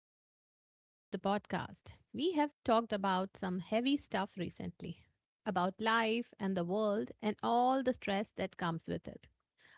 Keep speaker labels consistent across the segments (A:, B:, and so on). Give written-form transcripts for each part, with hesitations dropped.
A: welcome back to the podcast. We have talked about some heavy stuff recently about life and the world and all the stress that comes with it.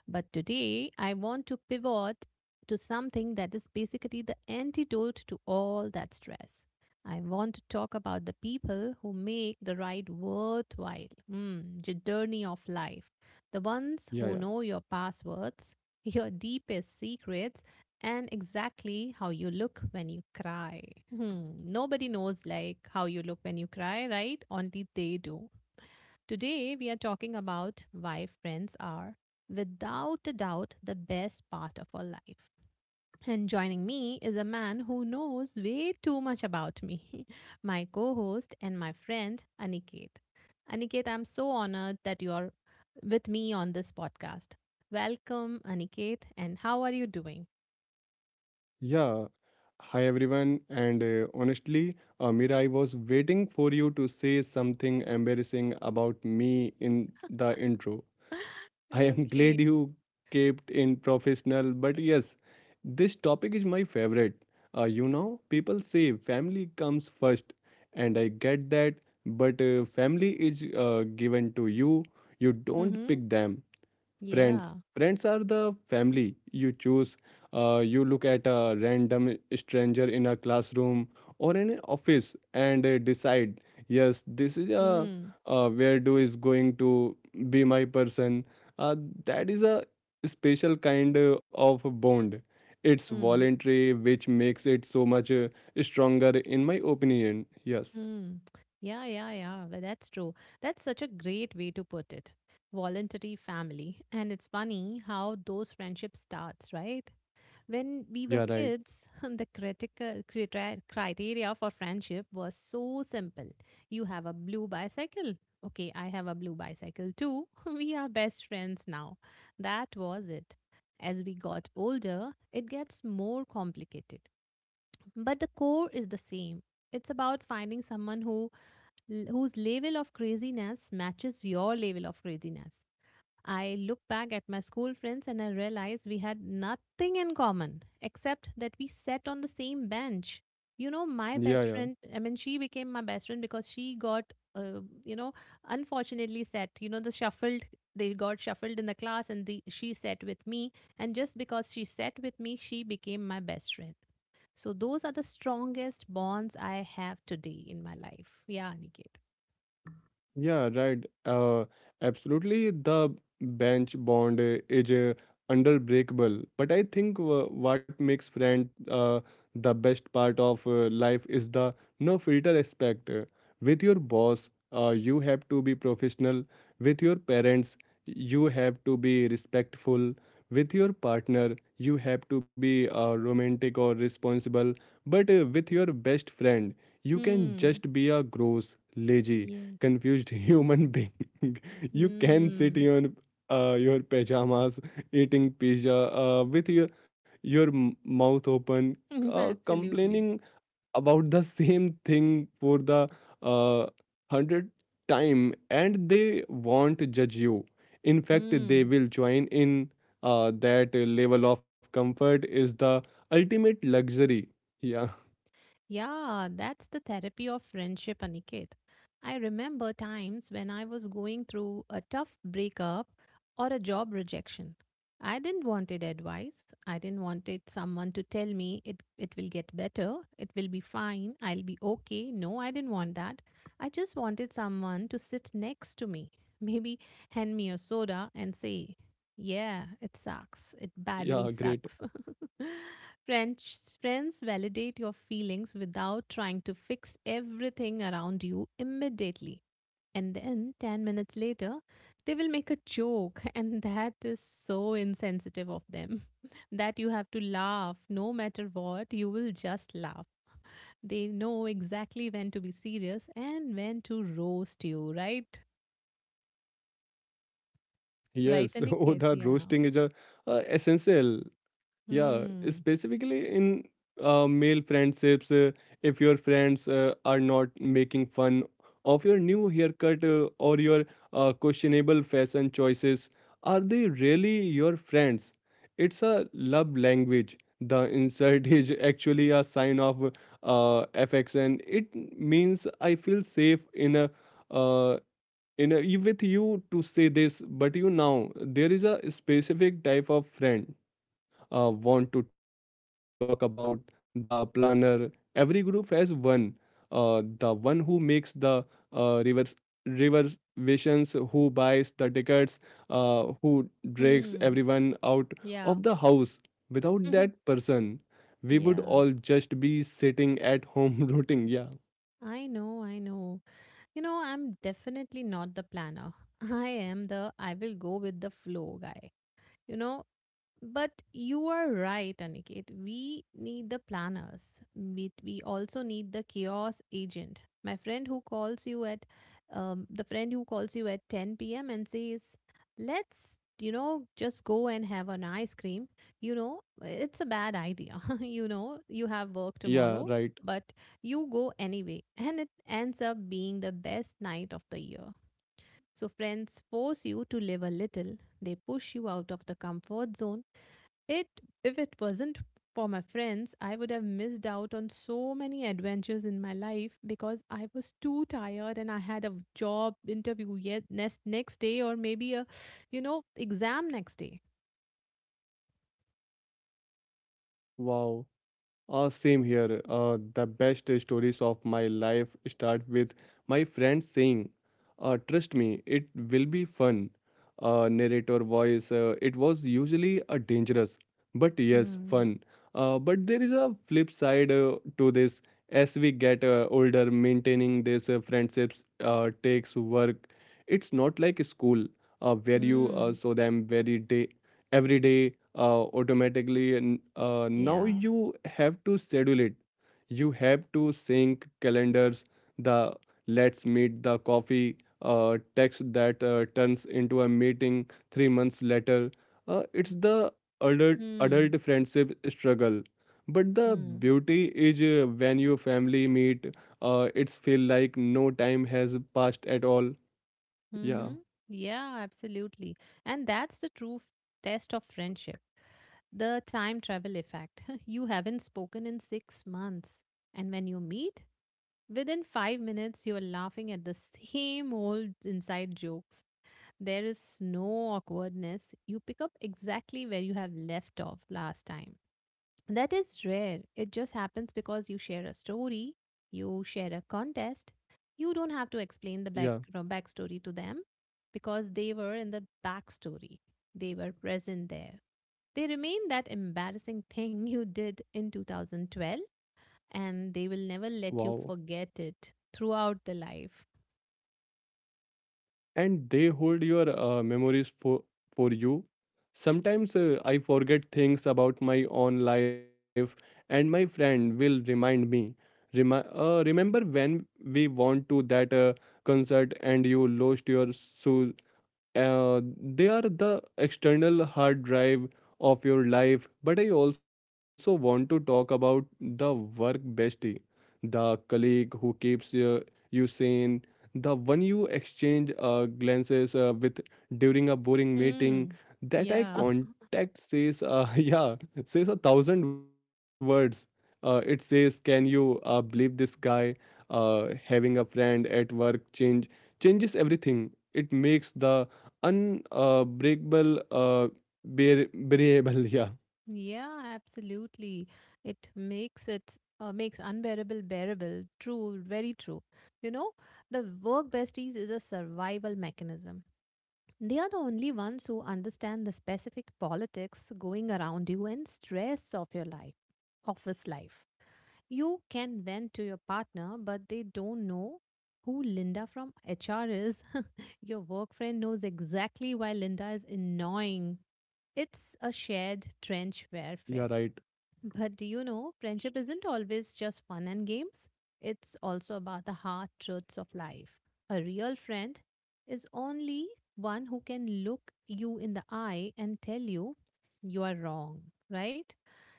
A: But today, I want to pivot to something that is basically the antidote to all that stress. I want to talk about the people who make the ride worthwhile, the journey of life, the ones
B: Yeah,
A: who
B: yeah.
A: know your passwords, your deepest secrets, and exactly how you look when you cry. Nobody knows like how you look when you cry, right? Only they do. Today, we are talking about why friends are, without a doubt, the best part of our life. And joining me is a man who knows way too much about me, my co host and my friend, Aniket. Aniket, I'm so honored that you're with me on this podcast. Welcome, Aniket, and how are you doing?
B: Yeah. Hi, everyone. And honestly, Amira, I was waiting for you to say something embarrassing about me in the intro. I am
A: Okay.
B: glad you kept in professional, but yes, this topic is my favorite. People say family comes first, and I get that, but family is given to you. You don't
A: Mm-hmm.
B: pick them. friends
A: Yeah.
B: friends are the family you choose. You look at a random stranger in a classroom or in an office and decide, yes, this is a
A: Mm-hmm.
B: where do is going to be my person. uh, that is a special kind of bond. It's voluntary, which makes it so much stronger, in my opinion. Yes.
A: Hmm. Yeah, yeah, yeah. Well, that's true. That's such a great way to put it. Voluntary family. And it's funny how those friendships starts, right? When we were
B: Yeah, right.
A: kids, the criteria for friendship was so simple. You have a blue bicycle. Okay, I have a blue bicycle too. We are best friends now. That was it. As we got older, it gets more complicated. But the core is the same. It's about finding someone who whose level of craziness matches your level of craziness. I look back at my school friends and I realize we had nothing in common except that we sat on the same bench. You know, my
B: Yeah,
A: best
B: yeah.
A: friend, she became my best friend because she got, unfortunately sat. The shuffled, they got shuffled in the class and she sat with me. And just because she sat with me, she became my best friend. So those are the strongest bonds I have today in my life. Yeah, Aniket.
B: Yeah, right. Absolutely. The bench bond is unbreakable. But I think what makes friend the best part of life is the no filter aspect. With your boss, you have to be professional. With your parents, you have to be respectful. With your partner, you have to be romantic or responsible. But with your best friend, you can
A: Hmm.
B: just be a gross, lazy,
A: Yes.
B: confused human being. You can sit in
A: Hmm.
B: your pajamas, eating pizza with your mouth open,
A: Absolutely.
B: complaining about the same thing for the uh, hundred time, and they won't judge you. In fact, they
A: Hmm.
B: will join in. That level of comfort is the ultimate luxury. Yeah.
A: Yeah, that's the therapy of friendship, Aniket. I remember times when I was going through a tough breakup or a job rejection. I didn't wanted advice. I didn't wanted someone to tell me it will get better, it will be fine, I'll be okay. No, I didn't want that. I just wanted someone to sit next to me, maybe hand me a soda and say, yeah, it sucks. It
B: Yeah,
A: badly
B: great.
A: sucks. French friends validate your feelings without trying to fix everything around you immediately. And then 10 minutes later, they will make a joke, and that is so insensitive of them that you have to laugh no matter what, you will just laugh. They know exactly when to be serious and when to roast you, right?
B: Yes.
A: Right,
B: Oh, the
A: Aniket?
B: roasting
A: Yeah.
B: is a essential. Yeah,
A: Hmm.
B: specifically in male friendships, if your friends are not making fun of your new haircut or your questionable fashion choices, are they really your friends? It's a love language. The insult is actually a sign of affection. It means I feel safe uh, in a, with you to say this. But you know, there is a specific type of friend want to talk about — the planner. Every group has one: the one who makes the reverse reservations, who buys the tickets, who drags
A: Hmm.
B: everyone out of
A: Yeah.
B: the house. Without
A: Mhm.
B: that person, we would
A: Yeah,
B: all just be sitting at home rooting. Yeah.
A: I know, I know. You know, I'm definitely not the planner. I am the I will go with the flow guy. You know, but you are right, Aniket. We need the planners. We also need the chaos agent. My friend who calls you at The friend who calls you at 10 p.m. and says, "Let's, you know, just go and have an ice cream." You know, it's a bad idea. You have work tomorrow,
B: Yeah, right.
A: but you go anyway, and it ends up being the best night of the year. So friends force you to live a little. They push you out of the comfort zone it if it wasn't for my friends, I would have missed out on so many adventures in my life because I was too tired and I had a job interview yet next day or maybe a exam next day.
B: Wow. Same here. The best stories of my life start with my friends saying, "Trust me, it will be fun." Narrator voice, it was usually a dangerous, but yes,
A: Hmm.
B: fun. But there is a flip side to this. As we get older, maintaining these friendships takes work. It's not like school where you
A: Hmm.
B: saw them very day every day automatically, and now
A: Yeah.
B: you have to schedule it. You have to sync calendars, the "let's meet the coffee" text that turns into a meeting 3 months later. It's the adult
A: Hmm.
B: adult friendship struggle. But the
A: Hmm.
B: beauty is, when your family meet, it's feel like no time has passed at all. Yeah.
A: Mm-hmm. Yeah, absolutely. And that's the test of friendship, the time travel effect. You haven't spoken in 6 months. And when you meet, within 5 minutes, you're laughing at the same old inside jokes. There is no awkwardness. You pick up exactly where you have left off last time. That is rare. It just happens because you share a story, you share a contest. You don't have to
B: Yeah.
A: explain the backstory to them because they were in the backstory, they were present there. They remain that embarrassing thing you did in 2012 and they will never let you
B: Wow.
A: forget it throughout the life.
B: And they hold your memories for you. Sometimes I forget things about my own life, and my friend will remind me, remember when we went to that concert and you lost your shoes. They are the external hard drive of your life. But I also want to talk about the work bestie, the colleague who keeps you sane, the one you exchange glances with during a boring meeting.
A: Mm,
B: That I
A: yeah,
B: contact says, yeah, says 1,000 words. It says, can you believe this guy? Having a friend at work changes everything. It makes the अन अ, ब्रेकबल अ, बेर ब्रेएबल या
A: yeah, absolutely. It makes unbearable bearable. True, very true. You know, the work besties is a survival mechanism. They are the only ones who understand the specific politics going around you and stress of your life, office life. You can vent to your partner, but they don't know who Linda from HR is. Your work friend knows exactly why Linda is annoying. It's a shared trench
B: yeah right
A: warfare. But do you know, friendship isn't always just fun and games. It's also about the hard truths of life. A real friend is only one who can look you in the eye and tell you you are wrong, right?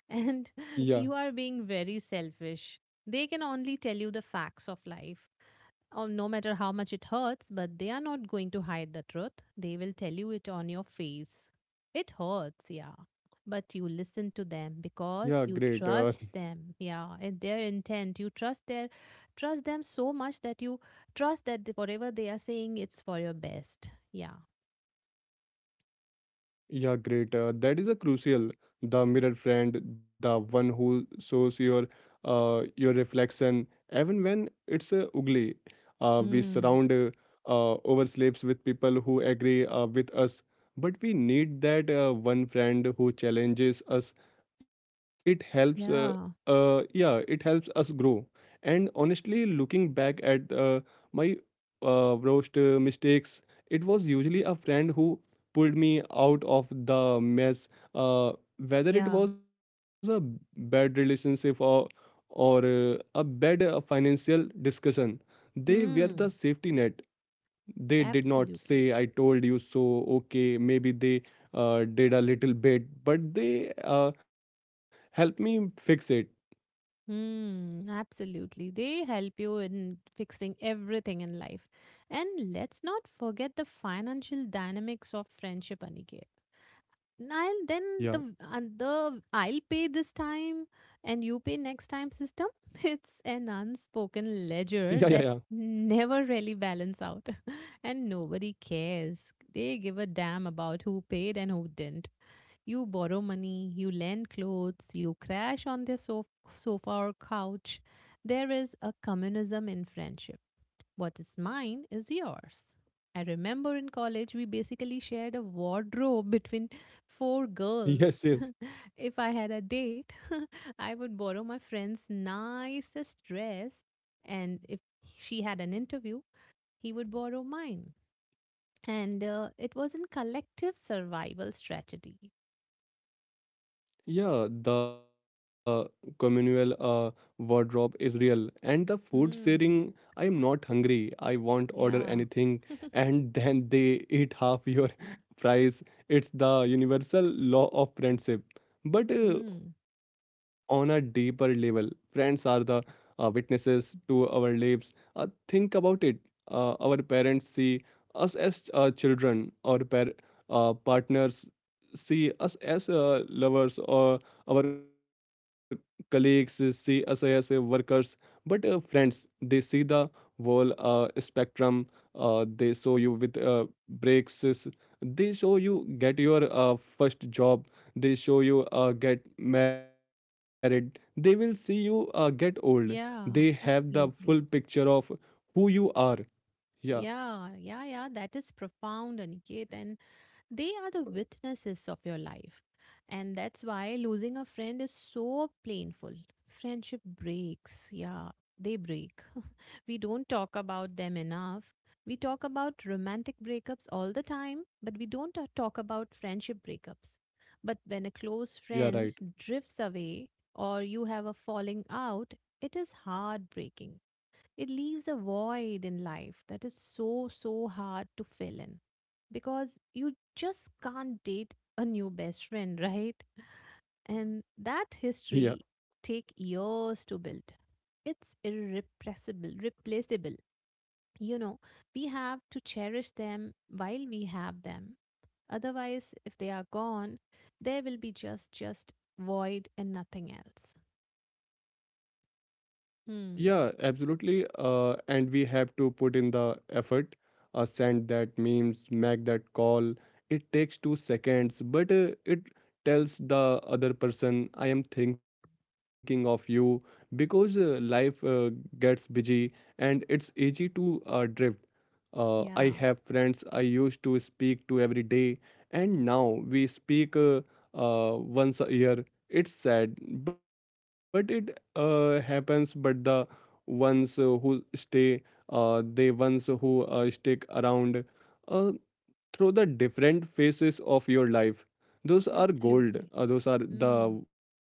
A: And
B: या
A: you are being very selfish. They can only tell you the facts of life. Oh, no matter how much it hurts, but they are not going to hide the truth. They will tell you it on your face. It hurts, yeah. But you listen to them
B: yeah
A: because you
B: great.
A: trust them, yeah, and their intent. You trust their Trust them so much that you trust that whatever they are saying, it's for your best. Yeah.
B: Yeah, great. That is a crucial. The mirror friend, the one who shows your reflection, even when it's ugly. We
A: Hmm.
B: surround ourselves with people who agree with us, but we need that one friend who challenges us. It helps. Uh,
A: Yeah.
B: uh, yeah, it helps us grow. And honestly, looking back at my worst mistakes, it was usually a friend who pulled me out of the mess. Uh, whether it
A: Yeah.
B: was a bad relationship or a bad financial discussion, they were the safety
A: Hmm.
B: net. They did not say, "I
A: Absolutely.
B: told you so." Okay, maybe they did a little bit, but they helped me fix it.
A: Hmm, absolutely. They help you in fixing everything in life. And let's not forget the financial dynamics of friendship, Aniket. I'll
B: Yeah.
A: then the and The I'll pay this time and you pay next time system. It's an
B: Yeah,
A: unspoken
B: yeah, yeah.
A: ledger that never really balance out. And nobody cares. They give a damn about who paid and who didn't. You borrow money, you lend clothes, you crash on their sofa or couch. There is a communism in friendship. What is mine is yours. I remember in college we basically shared a wardrobe between four
B: Yes, yes.
A: girls. If I had a date, I would borrow my friend's nicest dress, and if she had an interview, he would borrow mine. And it was in collective survival strategy.
B: Yeah, the communal wardrobe is real. And the food sharing. I am
A: Hmm.
B: not hungry. I won't order anything,
A: Yeah.
B: and then they eat half your fries. It's the universal law of friendship. But
A: Mm,
B: on a deeper level, friends are the witnesses to our lives. Think about it. Our parents see us as children, our partners see us as lovers, or our colleagues see us as workers. But friends, they see the whole spectrum. They show you with they show you get your first job, they show you get married, they will see you get old. They have
A: yeah,
B: the full picture
A: absolutely.
B: of who you are. Yeah.
A: Yeah, yeah, yeah. That is profound, Aniket. And, they are the witnesses of your life. And that's why losing a friend is so painful. Friendship breaks. Yeah, they break. We don't talk about them enough. We talk about romantic breakups all the time, but we don't talk about friendship breakups. But when a
B: Yeah,
A: close
B: right.
A: friend drifts away or you have a falling out, it is heartbreaking it leaves a void in life that is so, so hard to fill in because you just can't date a new best friend, right? And
B: Yeah.
A: that history take years to build. It's irrepressible, replaceable. You know, we have to cherish them while we have them. Otherwise, if they are gone, there will be just void and nothing else.
B: Yeah, absolutely.
A: Hmm.
B: And we have to put in the effort, send that memes, make that call. It takes 2 seconds, but it tells the other person, I am thinking of you, because life gets busy and it's easy to drift. I have friends
A: Yeah.
B: I used to speak to every day, and now we speak once a year. It's sad, but it happens. But the ones who stay, they ones who stick around, uh, through the different phases of your life, those are gold.
A: Absolutely.
B: Those are the
A: Hmm.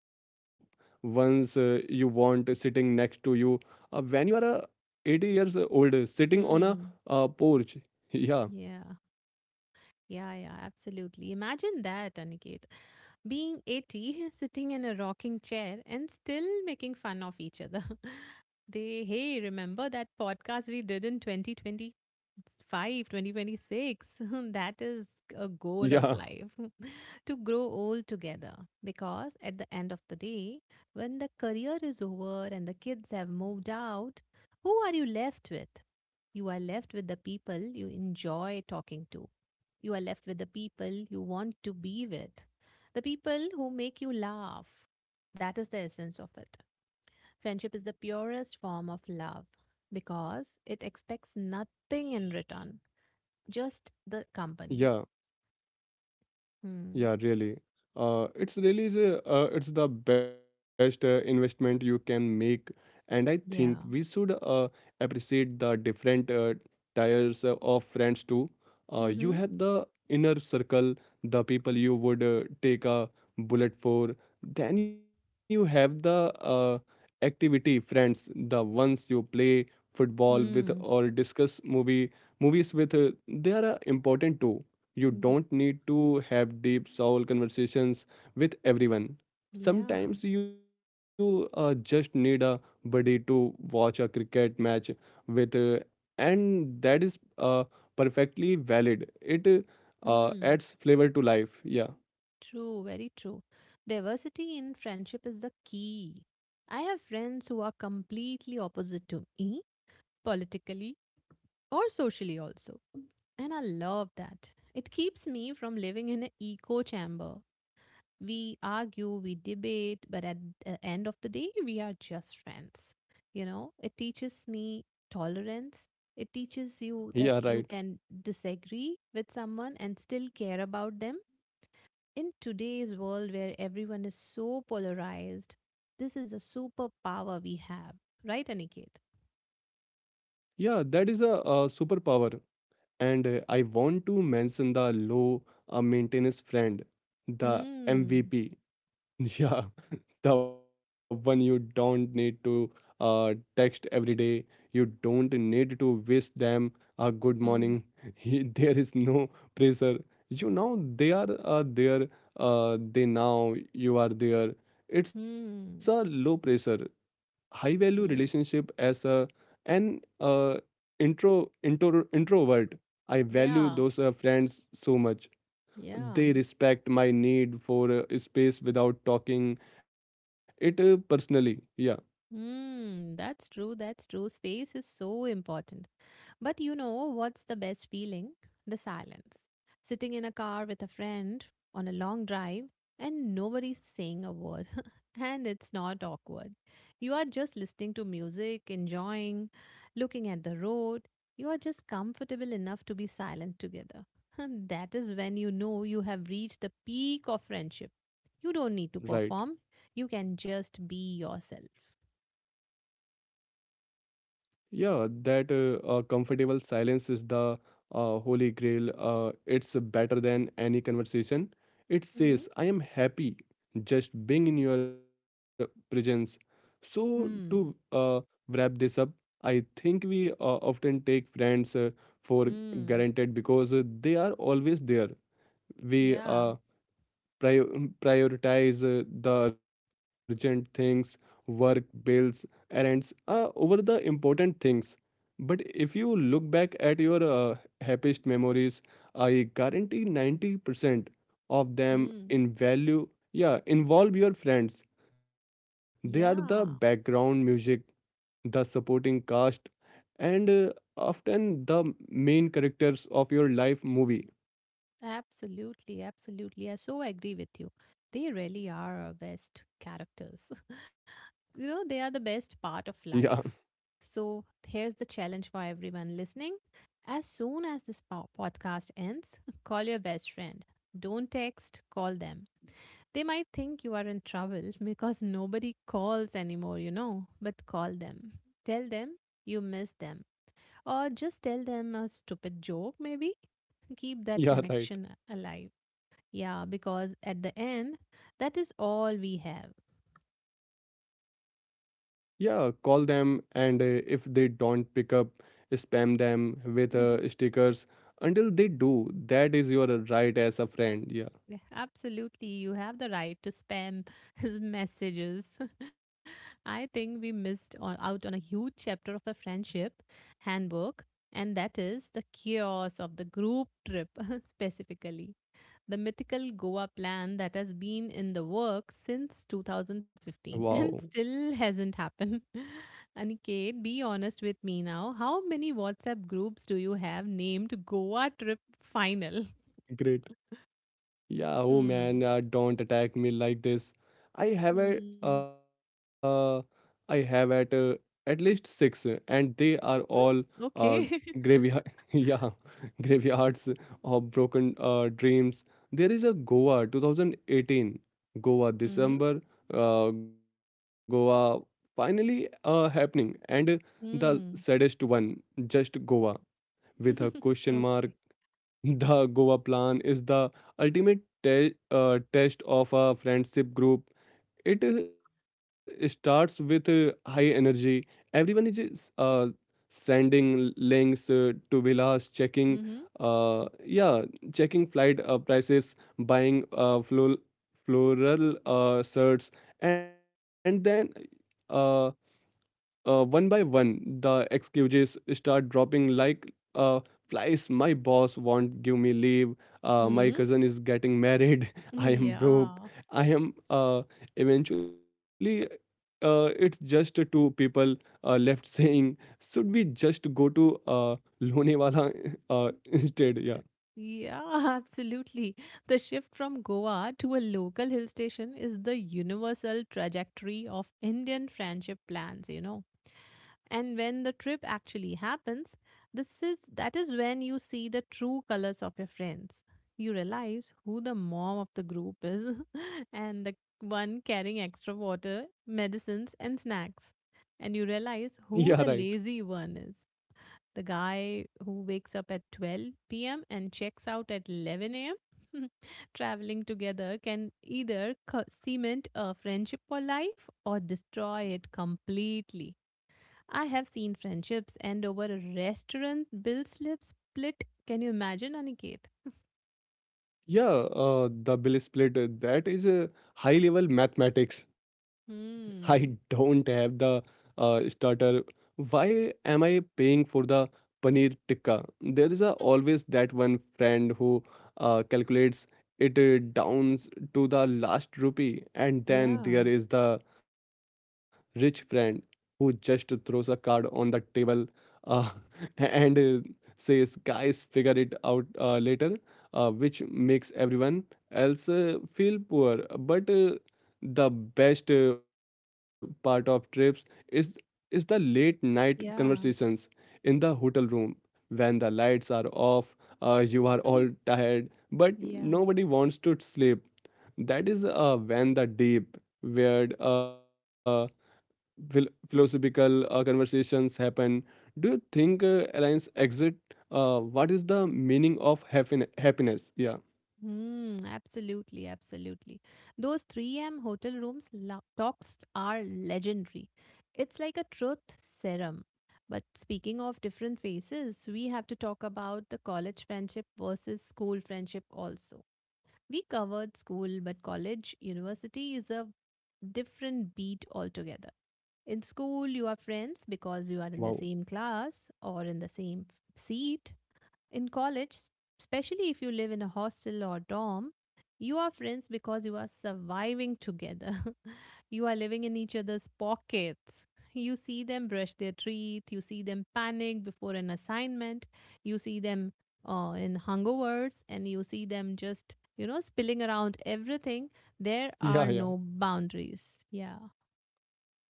B: ones you want sitting next to you when you are 80 years old, sitting on a
A: Hmm.
B: porch. Yeah.
A: Yeah. Yeah, yeah, absolutely. Imagine that, Aniket. Being 80, sitting in a rocking chair and still making fun of each other. They, hey, remember that podcast we did in 2025, 2026? That is a
B: Yeah.
A: goal of life. To grow old together. Because at the end of the day, when the career is over and the kids have moved out, who are you left with? You are left with the people you enjoy talking to you are left with the people you want to be with, the people who make you laugh. That is the essence of it. Friendship is the purest form of love because it expects nothing in return, just the
B: Yeah.
A: company.
B: Yeah,
A: Hmm.
B: really. It's really is it's the best investment you can make, and I think we should
A: Yeah.
B: appreciate the different tiers of friends too. You have
A: Mm-hmm.
B: the inner circle, the people you would take a bullet for. Then you have the activity friends, the ones you play football with or
A: Mm.
B: discuss movies with. They are important too. You
A: Ye-
B: don't need to have deep soul conversations with everyone.
A: Yeah.
B: Sometimes you just need a buddy to watch a cricket match with, and that is perfectly valid. It
A: Hmm.
B: adds flavor to life. Yeah.
A: True. Very true. Diversity in friendship is the key. I have friends who are completely opposite to me politically or socially also. And I love that. It keeps me from living in an echo chamber. We argue, we debate, but at the end of the day, we are just friends. You know, it teaches me tolerance. It teaches you
B: Yeah,
A: that
B: right.
A: you can disagree with someone and still care about them. In today's world where everyone is so polarized, this is a superpower we have, right, Aniket?
B: Yeah, that is a superpower. And I want to mention the low maintenance friend, the
A: Hmm.
B: MVP. Yeah. The one you don't need to text every day. You don't need to wish them a good morning.
A: Hmm.
B: There is no pressure. You know they are there. They now you are there. It's a low
A: Hmm.
B: pressure, high value relationship as
A: Yes.
B: a an introvert. I value
A: Yeah.
B: those friends so much.
A: Yeah.
B: They respect my need for space without talking it personally. Yeah.
A: Hmm, that's true. That's true. Space is so important. But you know what's the best feeling? The silence. Sitting in a car with a friend on a long drive and nobody's saying a word. And it's not awkward. You are just listening to music, enjoying, looking at the road. You are just comfortable enough to be silent together. That is when you know you have reached the peak of friendship. You don't need to
B: Right.
A: perform, you can just be yourself.
B: Yeah, that comfortable silence is the holy grail. It's better than any conversation. It says,
A: Mm.
B: I am happy just being in your presence. So to
A: Mm.
B: wrap this up, I think we often take friends for
A: Mm.
B: granted because they are always there. we
A: Yeah.
B: uh, prioritize the urgent things — work, bills, errands — over the important things. But if you look back at your happiest memories, I guarantee 90% of them
A: Mm.
B: in value. Yeah, involve your friends. They are the background
A: Yeah.
B: music, the supporting cast, and often the main characters of your life movie.
A: Absolutely. Absolutely. I so agree with you. They really are our best characters. They
B: Yeah.
A: are the best part of life. So here's the challenge for everyone listening. As soon as this podcast ends, call your best friend. Don't text, call them. They might think you are in trouble because nobody calls anymore, but call them. Tell them you miss them, or just tell them a stupid joke maybe.
B: Yeah,
A: Keep
B: right.
A: that connection alive. Yeah, because at the end that is all we have.
B: Yeah, call them, and if they don't pick up, spam them with stickers until they do. That is your right as a friend. Yeah.
A: Yeah, absolutely, you have the right to spam his messages. I think we missed out on a huge chapter of a friendship handbook, and that is the chaos of the group trip. Specifically, the mythical Goa plan that has been in the works since
B: Wow.
A: 2015 and still hasn't happened. Aniket, be honest with me now. How many WhatsApp groups do you have named Goa Trip Final?
B: Great. Yeah, oh, man,
A: Hmm.
B: don't attack me like this. I have a,
A: Hmm.
B: uh, I have at least six, and they are all uh,
A: Hmm. Okay.
B: graveyard. Yeah, graveyards of broken dreams. There is a "Goa 2018," "Goa
A: Mm-hmm.
B: December," "Goa finally happening," and the
A: Hmm.
B: saddest one, just "Goa" with a question mark.
A: Okay.
B: The Goa plan is the ultimate test of a friendship group. It starts with high energy. Everyone is sending links to villas, checking,
A: Mm-hmm.
B: yeah, checking flight prices, buying floral shirts, and then uh, one by one, the excuses start dropping like flies. My boss won't give me leave. My
A: Hmm.
B: cousin is getting married. I am broke.
A: Yeah.
B: I am eventually. It's just two people left saying, should we just go to Lonewala instead? Yeah,
A: Yeah, absolutely. The shift from Goa to a local hill station is the universal trajectory of Indian friendship plans. And when the trip actually happens, this is that is when you see the true colors of your friends. You realize who the mom of the group is and the one carrying extra water, medicines and snacks. And you
B: yeah,
A: realize
B: right.
A: who the lazy one is, the guy who wakes up at 12 p.m. and checks out at 11 a.m. Traveling together can either cement a friendship for life or destroy it completely. I have seen friendships end over a restaurant bill slip split. Can you imagine, Aniket?
B: Yeah, the bill split, that is a high level mathematics. I don't
A: Hmm.
B: have the starter. Why am I paying for the paneer tikka? There is always that one friend who calculates it down to the last rupee, and then
A: Yeah.
B: there is the rich friend who just throws a card on the table, uh, and says, "Guys, figure it out later," which makes everyone else feel poor. But the best part of trips is is the late night conversations
A: Yeah.
B: in the hotel room when the lights are off. You are all tired, but
A: yeah.
B: nobody wants to sleep. That is when the deep, weird, philosophical conversations happen. Do you think aliens exit? What is the meaning of happiness? Yeah.
A: Hmm, absolutely, absolutely. Those 3 a.m. hotel rooms talks are legendary. It's like a truth serum. But speaking of different phases, we have to talk about the college friendship versus school friendship also. We covered school, but college, university is a different beat altogether. In school, you are friends
B: Wow.
A: because you are in the same class or in the same seat. In college, especially if you live in a hostel or dorm, you are friends because you are surviving together. You are living in each other's pockets. You see them brush their teeth, you see them panic before an assignment, you see them in hungovers, and you see them just, you know, spilling around everything. There are
B: Yeah,
A: no
B: yeah.
A: boundaries. Yeah.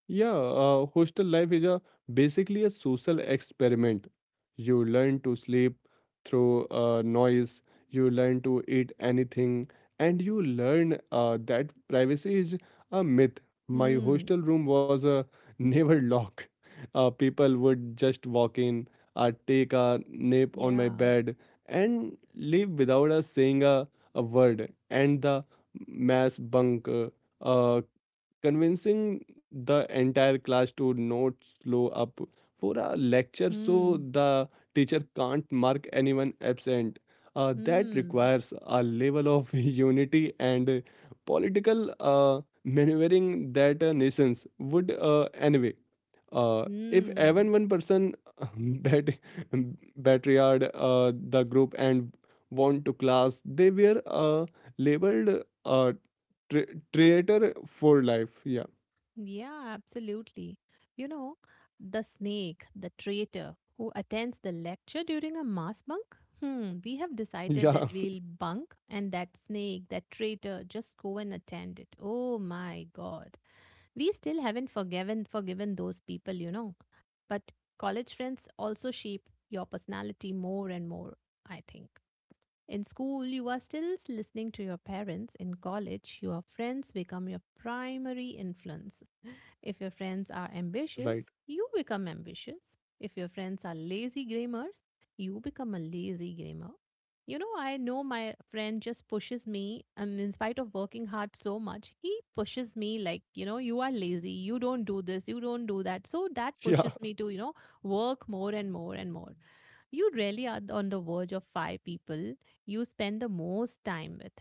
B: Yeah, hostel life is a basically a social experiment. You learn to sleep through noise, you learn to eat anything, and you learn that privacy is a myth. My
A: Hmm.
B: hostel room was never locked. People would just walk in, take a nap on my
A: Yeah.
B: bed, and leave without us saying a word. And the mass bunk. Uh, Convincing the entire class to not slow up for a lecture so
A: Hmm.
B: the teacher can't mark anyone absent. That
A: Hmm.
B: requires a level of unity and political maneuvering that nations would, anyway. Uh, if
A: Hmm.
B: even one person bat- battered the group and want to class, they were labeled tra- traitor for life. Yeah.
A: Yeah, absolutely. You know, the snake, the traitor who attends the lecture during a mass bunk? Hmm, we have decided that
B: Yeah,
A: we'll bunk and that snake, that traitor, just go and attend it. Oh my God. We still haven't forgiven those people, you know. But college friends also shape your personality more and more, I think. In school, you are still listening to your parents. In college, your friends become your primary influence. If your friends are
B: right.
A: ambitious, you become ambitious. If your friends are lazy grammars, you become a lazy grammar. You know, I know my friend just pushes me, and in spite of working hard so much, he pushes me like, you know, you are lazy, you don't do this, you don't do that. So that
B: Yeah,
A: pushes me to, you know, work more and more and more. You really are on the verge of 5 people you spend the most time with.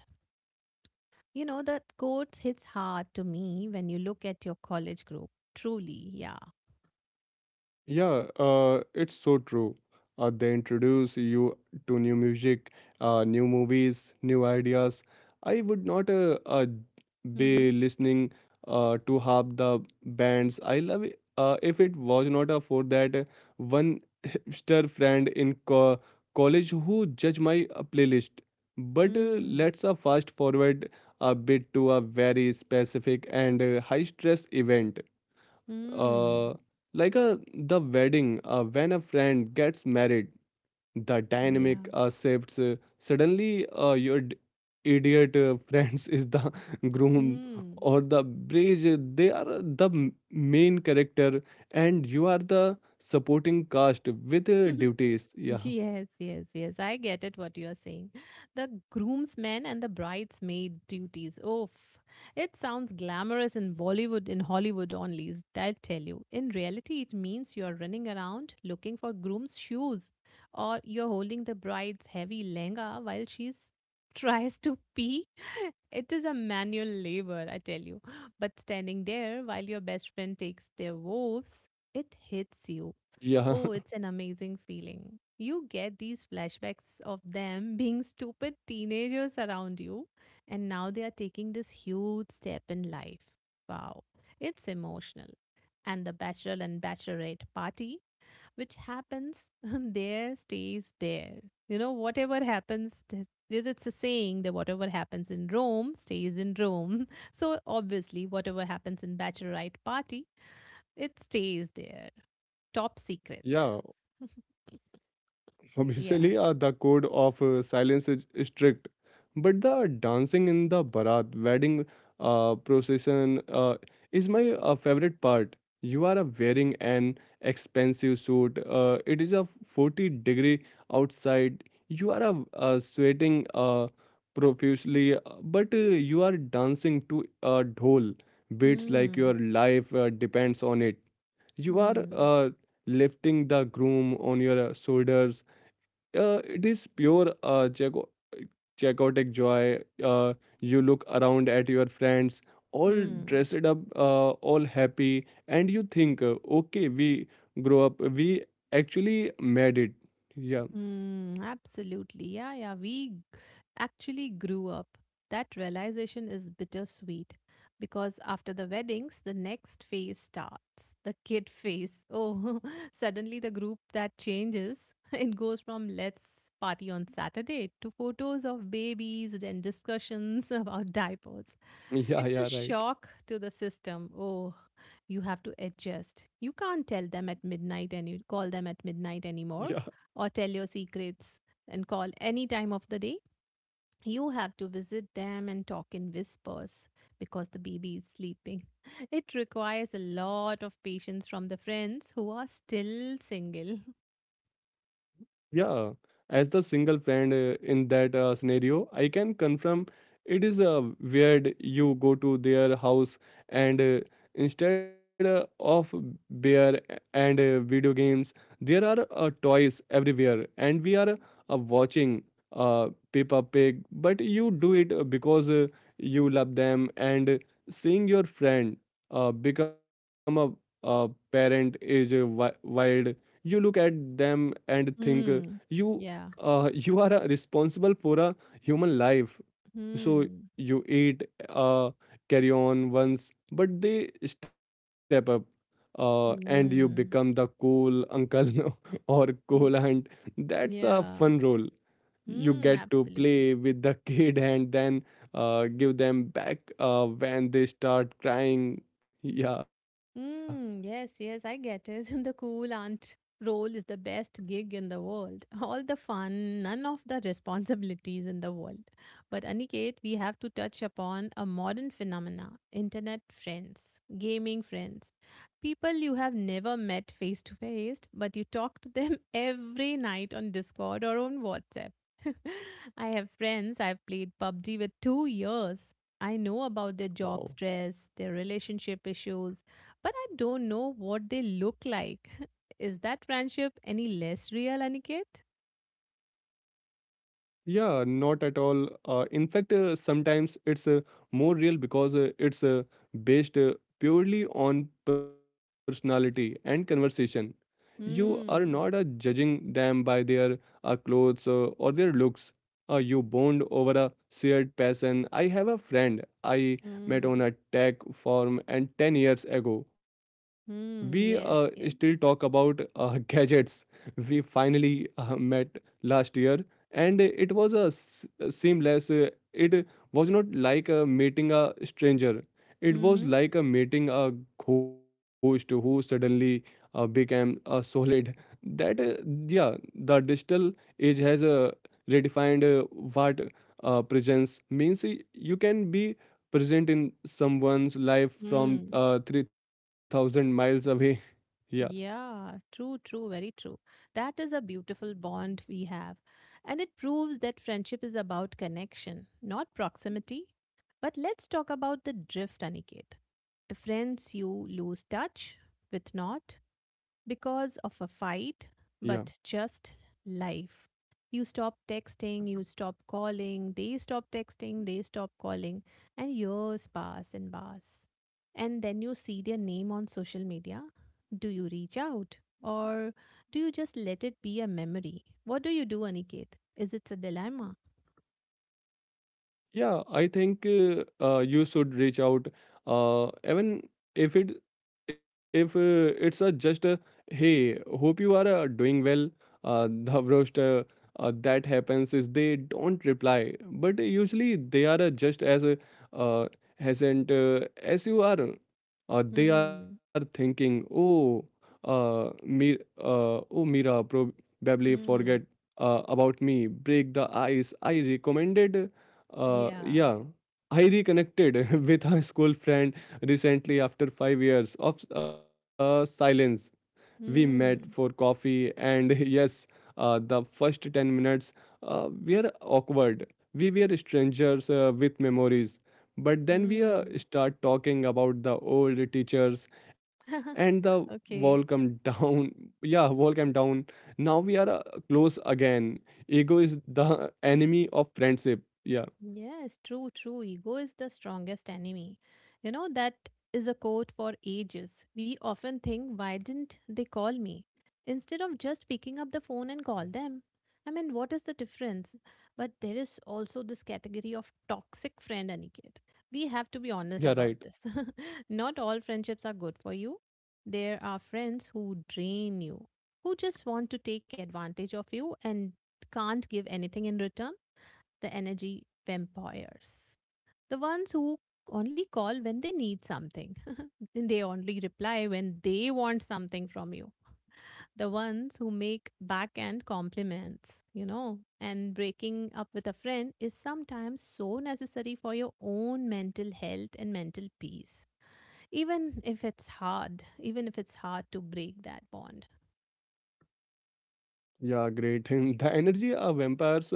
A: You know, that quote hits hard to me when you look at your college group. Truly, yeah.
B: yeah, it's so true. They introduce you to new music, new movies, new ideas. I would not
A: Mm-hmm.
B: be listening to half the bands I love it. If it was not for that one hipster friend in college who judged my playlist. But
A: Mm.
B: let's fast forward a bit to a very specific and high stress event.
A: Mm.
B: uh, like the wedding. When a friend gets married the dynamic
A: Yeah.
B: shifts suddenly, idiot friends is the groom
A: Mm.
B: or the bridge, they are the main character and you are the supporting cast with duties. Yeah,
A: Yes, yes, yes. I get it what you are saying. The groomsmen and the bridesmaid duties. Oof. It sounds glamorous in Bollywood, in Hollywood only, I tell you. In reality, it means you are running around looking for groom's shoes, or you're holding the bride's heavy lehenga while she's tries to pee. It is a manual labor, I tell you. But standing there while your best friend takes their woes, it hits you.
B: yeah,
A: Oh, it's an amazing feeling. You get these flashbacks of them being stupid teenagers around you, and now they are taking this huge step in life. Wow, it's emotional. And the bachelor and bachelorette party, which happens there, stays there. You know, whatever happens, it's a saying that whatever happens in Rome stays in Rome. So obviously, whatever happens in bachelorette party, it stays there. Top secret.
B: yeah.
A: Yeah.
B: Officially, the code of silence is strict, but the dancing in the barat wedding procession is my favorite part. You are wearing an expensive suit. It is a 40-degree outside. You are sweating profusely, but you are dancing to a dhol beats like your
A: Hmm.
B: life depends on it. You are
A: Hmm.
B: lifting the groom on your shoulders, it is pure jagotic joy. You look around at your friends, all
A: Hmm.
B: dressed up, all happy, and you think, okay, we grow up, we actually made it. Yeah,
A: Mm, absolutely. Yeah, yeah. Actually grew up. That realization is bittersweet because after the weddings, the next phase starts, the kid phase. Oh, suddenly the group that changes. It goes from let's party on Saturday to photos of babies and discussions about diapers.
B: yeah,
A: It's a
B: yeah, right.
A: shock to the system. Oh, you have to adjust. You can't tell them at midnight and you call them at midnight
B: Yeah.
A: anymore, or tell your secrets and call any time of the day. You have to visit them and talk in whispers because the baby is sleeping. It requires a lot of patience from the friends who are still single.
B: Yeah, as the single friend in that scenario, I can confirm it is weird. You go to their house and, instead of beer and video games, there are toys everywhere, and we are watching Peppa Pig. But you do it because you love them, and seeing your friend become a parent is wild. You look at them and think,
A: Hmm.
B: you
A: Yeah.
B: you are responsible for a human life, so
A: Hmm.
B: you eat uh, carry on once but they step up and you become the
A: Hmm.
B: cool uncle or cool aunt.
A: Mm.
B: That's a fun
A: Yeah.
B: role. You get
A: Hmm.
B: to play
A: Absolutely.
B: with the kid and then give them back when they start crying. Yeah.
A: Mm, yes, yes, I get it. The cool aunt role is the best gig in the world. All the fun, none of the responsibilities in the world. But Aniket, we have to touch upon a modern phenomena, internet friends, gaming friends, people you have never met face to face, but you talk to them every night on Discord or on WhatsApp. I have friends I've played PUBG with 2 years. I know about their
B: Wow.
A: job stress, their relationship issues, but I don't know what they look like. Is that friendship any less real, Aniket?
B: Yeah, not at all. In fact, sometimes it's more real because it's based purely on personality and conversation. You are not
A: Hmm.
B: judging them by their clothes or their looks. You bond over a shared passion. I have a friend I met on
A: Hmm.
B: a tech forum and 10 years ago. We
A: Hmm. Yes.
B: still
A: Yes.
B: talk about gadgets. We finally met last year and it was seamless. It was not like a meeting a stranger, it was
A: Hmm.
B: like a meeting a ghost who suddenly became a solid. That Yeah, the digital age has redefined what presence means. You can be present in someone's life from
A: Hmm.
B: 3,000 miles away. Yeah,
A: Yeah. True. True. Very true. That is a beautiful bond we have, and it proves that friendship is about connection, not proximity. But let's talk about the drift, Aniket. The friends you lose touch with, not because of a
B: yeah.
A: fight, but just life. You stop texting, you stop calling, they stop texting, they stop calling, and years pass and pass. And then you see their name on social media. Do you reach out? Or do you just let it be a memory? What do you do, Aniket? Is it a dilemma?
B: Yeah, I think you should reach out even if it, if it's a just a hey, hope you are doing well. The worst that happens is they don't reply, but usually they are just as uh, hesitant as you are. They are
A: Hmm.
B: thinking, oh, me, oh, Mira probably forget
A: Hmm.
B: about me. Break the ice, I recommended.
A: Yeah.
B: Yeah, I reconnected with a school friend recently after 5 years of silence. We met for
A: Hmm.
B: coffee, and yes, the first 10 minutes were awkward. We were strangers with memories, but then we
A: Hmm.
B: start talking about the old teachers and the wall come
A: Okay.
B: down. Yeah, wall came down. Now we are close again. Ego is the enemy of friendship. Yeah.
A: Yes, true, true. Ego is the strongest enemy. You know, that is a quote for ages. We often think, why didn't they call me? Instead of just picking up the phone and call them. I mean, what is the difference? But there is also this category of toxic friend, Aniket. We have to be
B: Yeah,
A: honest
B: right.
A: about this. Not all friendships are good for you. There are friends who drain you, who just want to take advantage of you and can't give anything in return, the energy vampires. The ones who only call when they need something. And they only reply when they want something from you. The ones who make backhand compliments, you know. And breaking up with a friend is sometimes so necessary for your own mental health and mental peace. Even if it's hard, to break that bond.
B: Yeah, great. And the energy vampires, uh,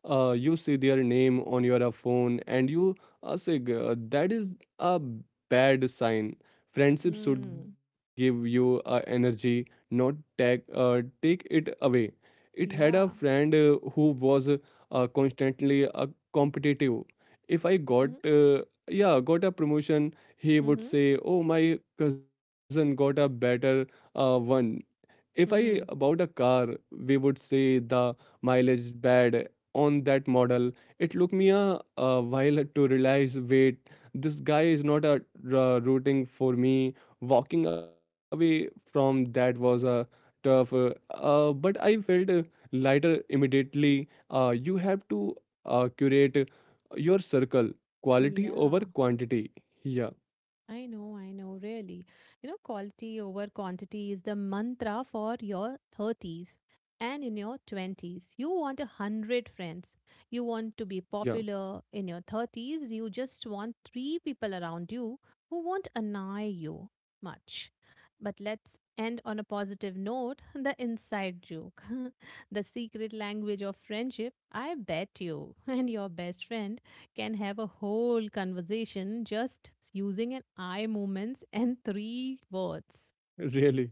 B: uh, you see their name on your phone and you say, "G- that is a bad sign." Friendship should
A: Mm,
B: give you energy, not take it away. It had a
A: yeah.
B: friend who was constantly competitive. If I got,
A: Mhm,
B: yeah, got a promotion, he would
A: mhm,
B: say, oh, my cousin got a better one. If I about a
A: mhm.
B: car, we would say the mileage is bad on that model. It took me a while to realize, wait, this guy is not rooting for me. Walking away from that was a tough, but I felt lighter immediately. You have to curate your circle, quality
A: Yeah.
B: over quantity. Yeah,
A: I know, really. You know, quality over quantity is the mantra for your 30s and in your 20s. You want 100 friends. You want to be
B: yeah,
A: popular. In your 30s, you just want 3 people around you who won't annoy you much. But let's end on a positive note, the inside joke, the secret language of friendship. I bet you and your best friend can have a whole conversation just using an eye movements and three words.
B: really.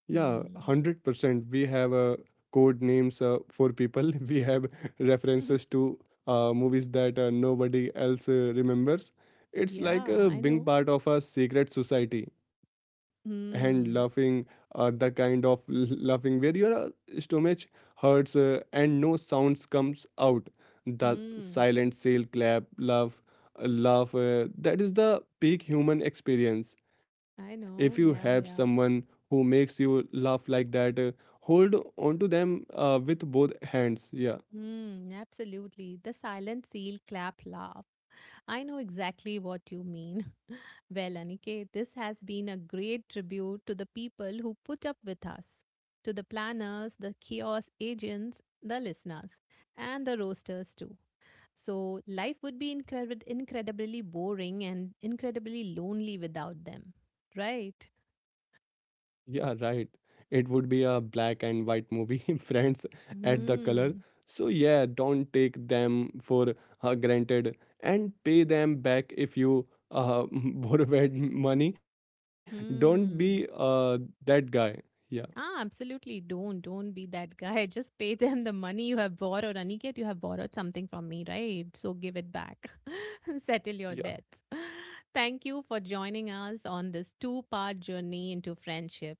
B: Yeah,
A: Hmm.
B: 100%. We have code names for people. We have references to movies that nobody else remembers. It's like
A: Yeah, I
B: being
A: know.
B: part of a secret society, hand laughing,
A: Hmm.
B: the kind of laughing where your stomach hurts and no sounds comes out. The
A: Hmm.
B: silent sail clap, laugh, laugh, that is the peak human experience. If
A: I
B: you have
A: know. Yeah,
B: someone
A: yeah.
B: who makes you laugh like that, hold on to them with both hands. Yeah.
A: Hmm. Absolutely. The silent seal clap laugh. I know exactly what you mean. Well, Aniket, this has been a great tribute to the people who put up with us, to the planners, the kiosk agents, the listeners, and the roasters too. So life would be incredibly boring and incredibly lonely without them, right?
B: Yeah, right. It would be a black and white movie, friends at the color.
A: Hmm.
B: So, yeah, don't take them for granted and pay them back if you borrowed money. Don't be
A: Hmm.
B: that guy. Yeah,
A: Ah, absolutely. Don't be that guy. Just pay them the money you have borrowed. Aniket, you have borrowed something from me, right? So give it back. Settle
B: yeah,
A: your debts. Thank you for joining us on this two-part journey into friendship.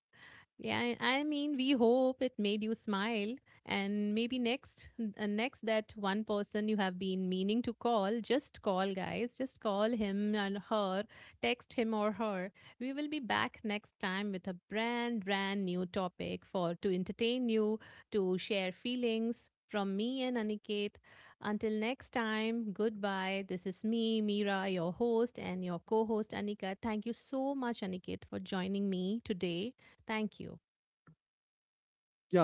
A: Yeah, I mean, we hope it made you smile, and maybe next, next that one person you have been meaning to call, just call, guys, just call him and her, text him or her. We will be back next time with a brand new topic for to entertain you, to share feelings from me and Aniket. Until next time, goodbye. This is me, Meera, your host, and your co host, Anika. Thank you so much, Aniket, for joining me today. Thank you.
B: yeah, goodbye.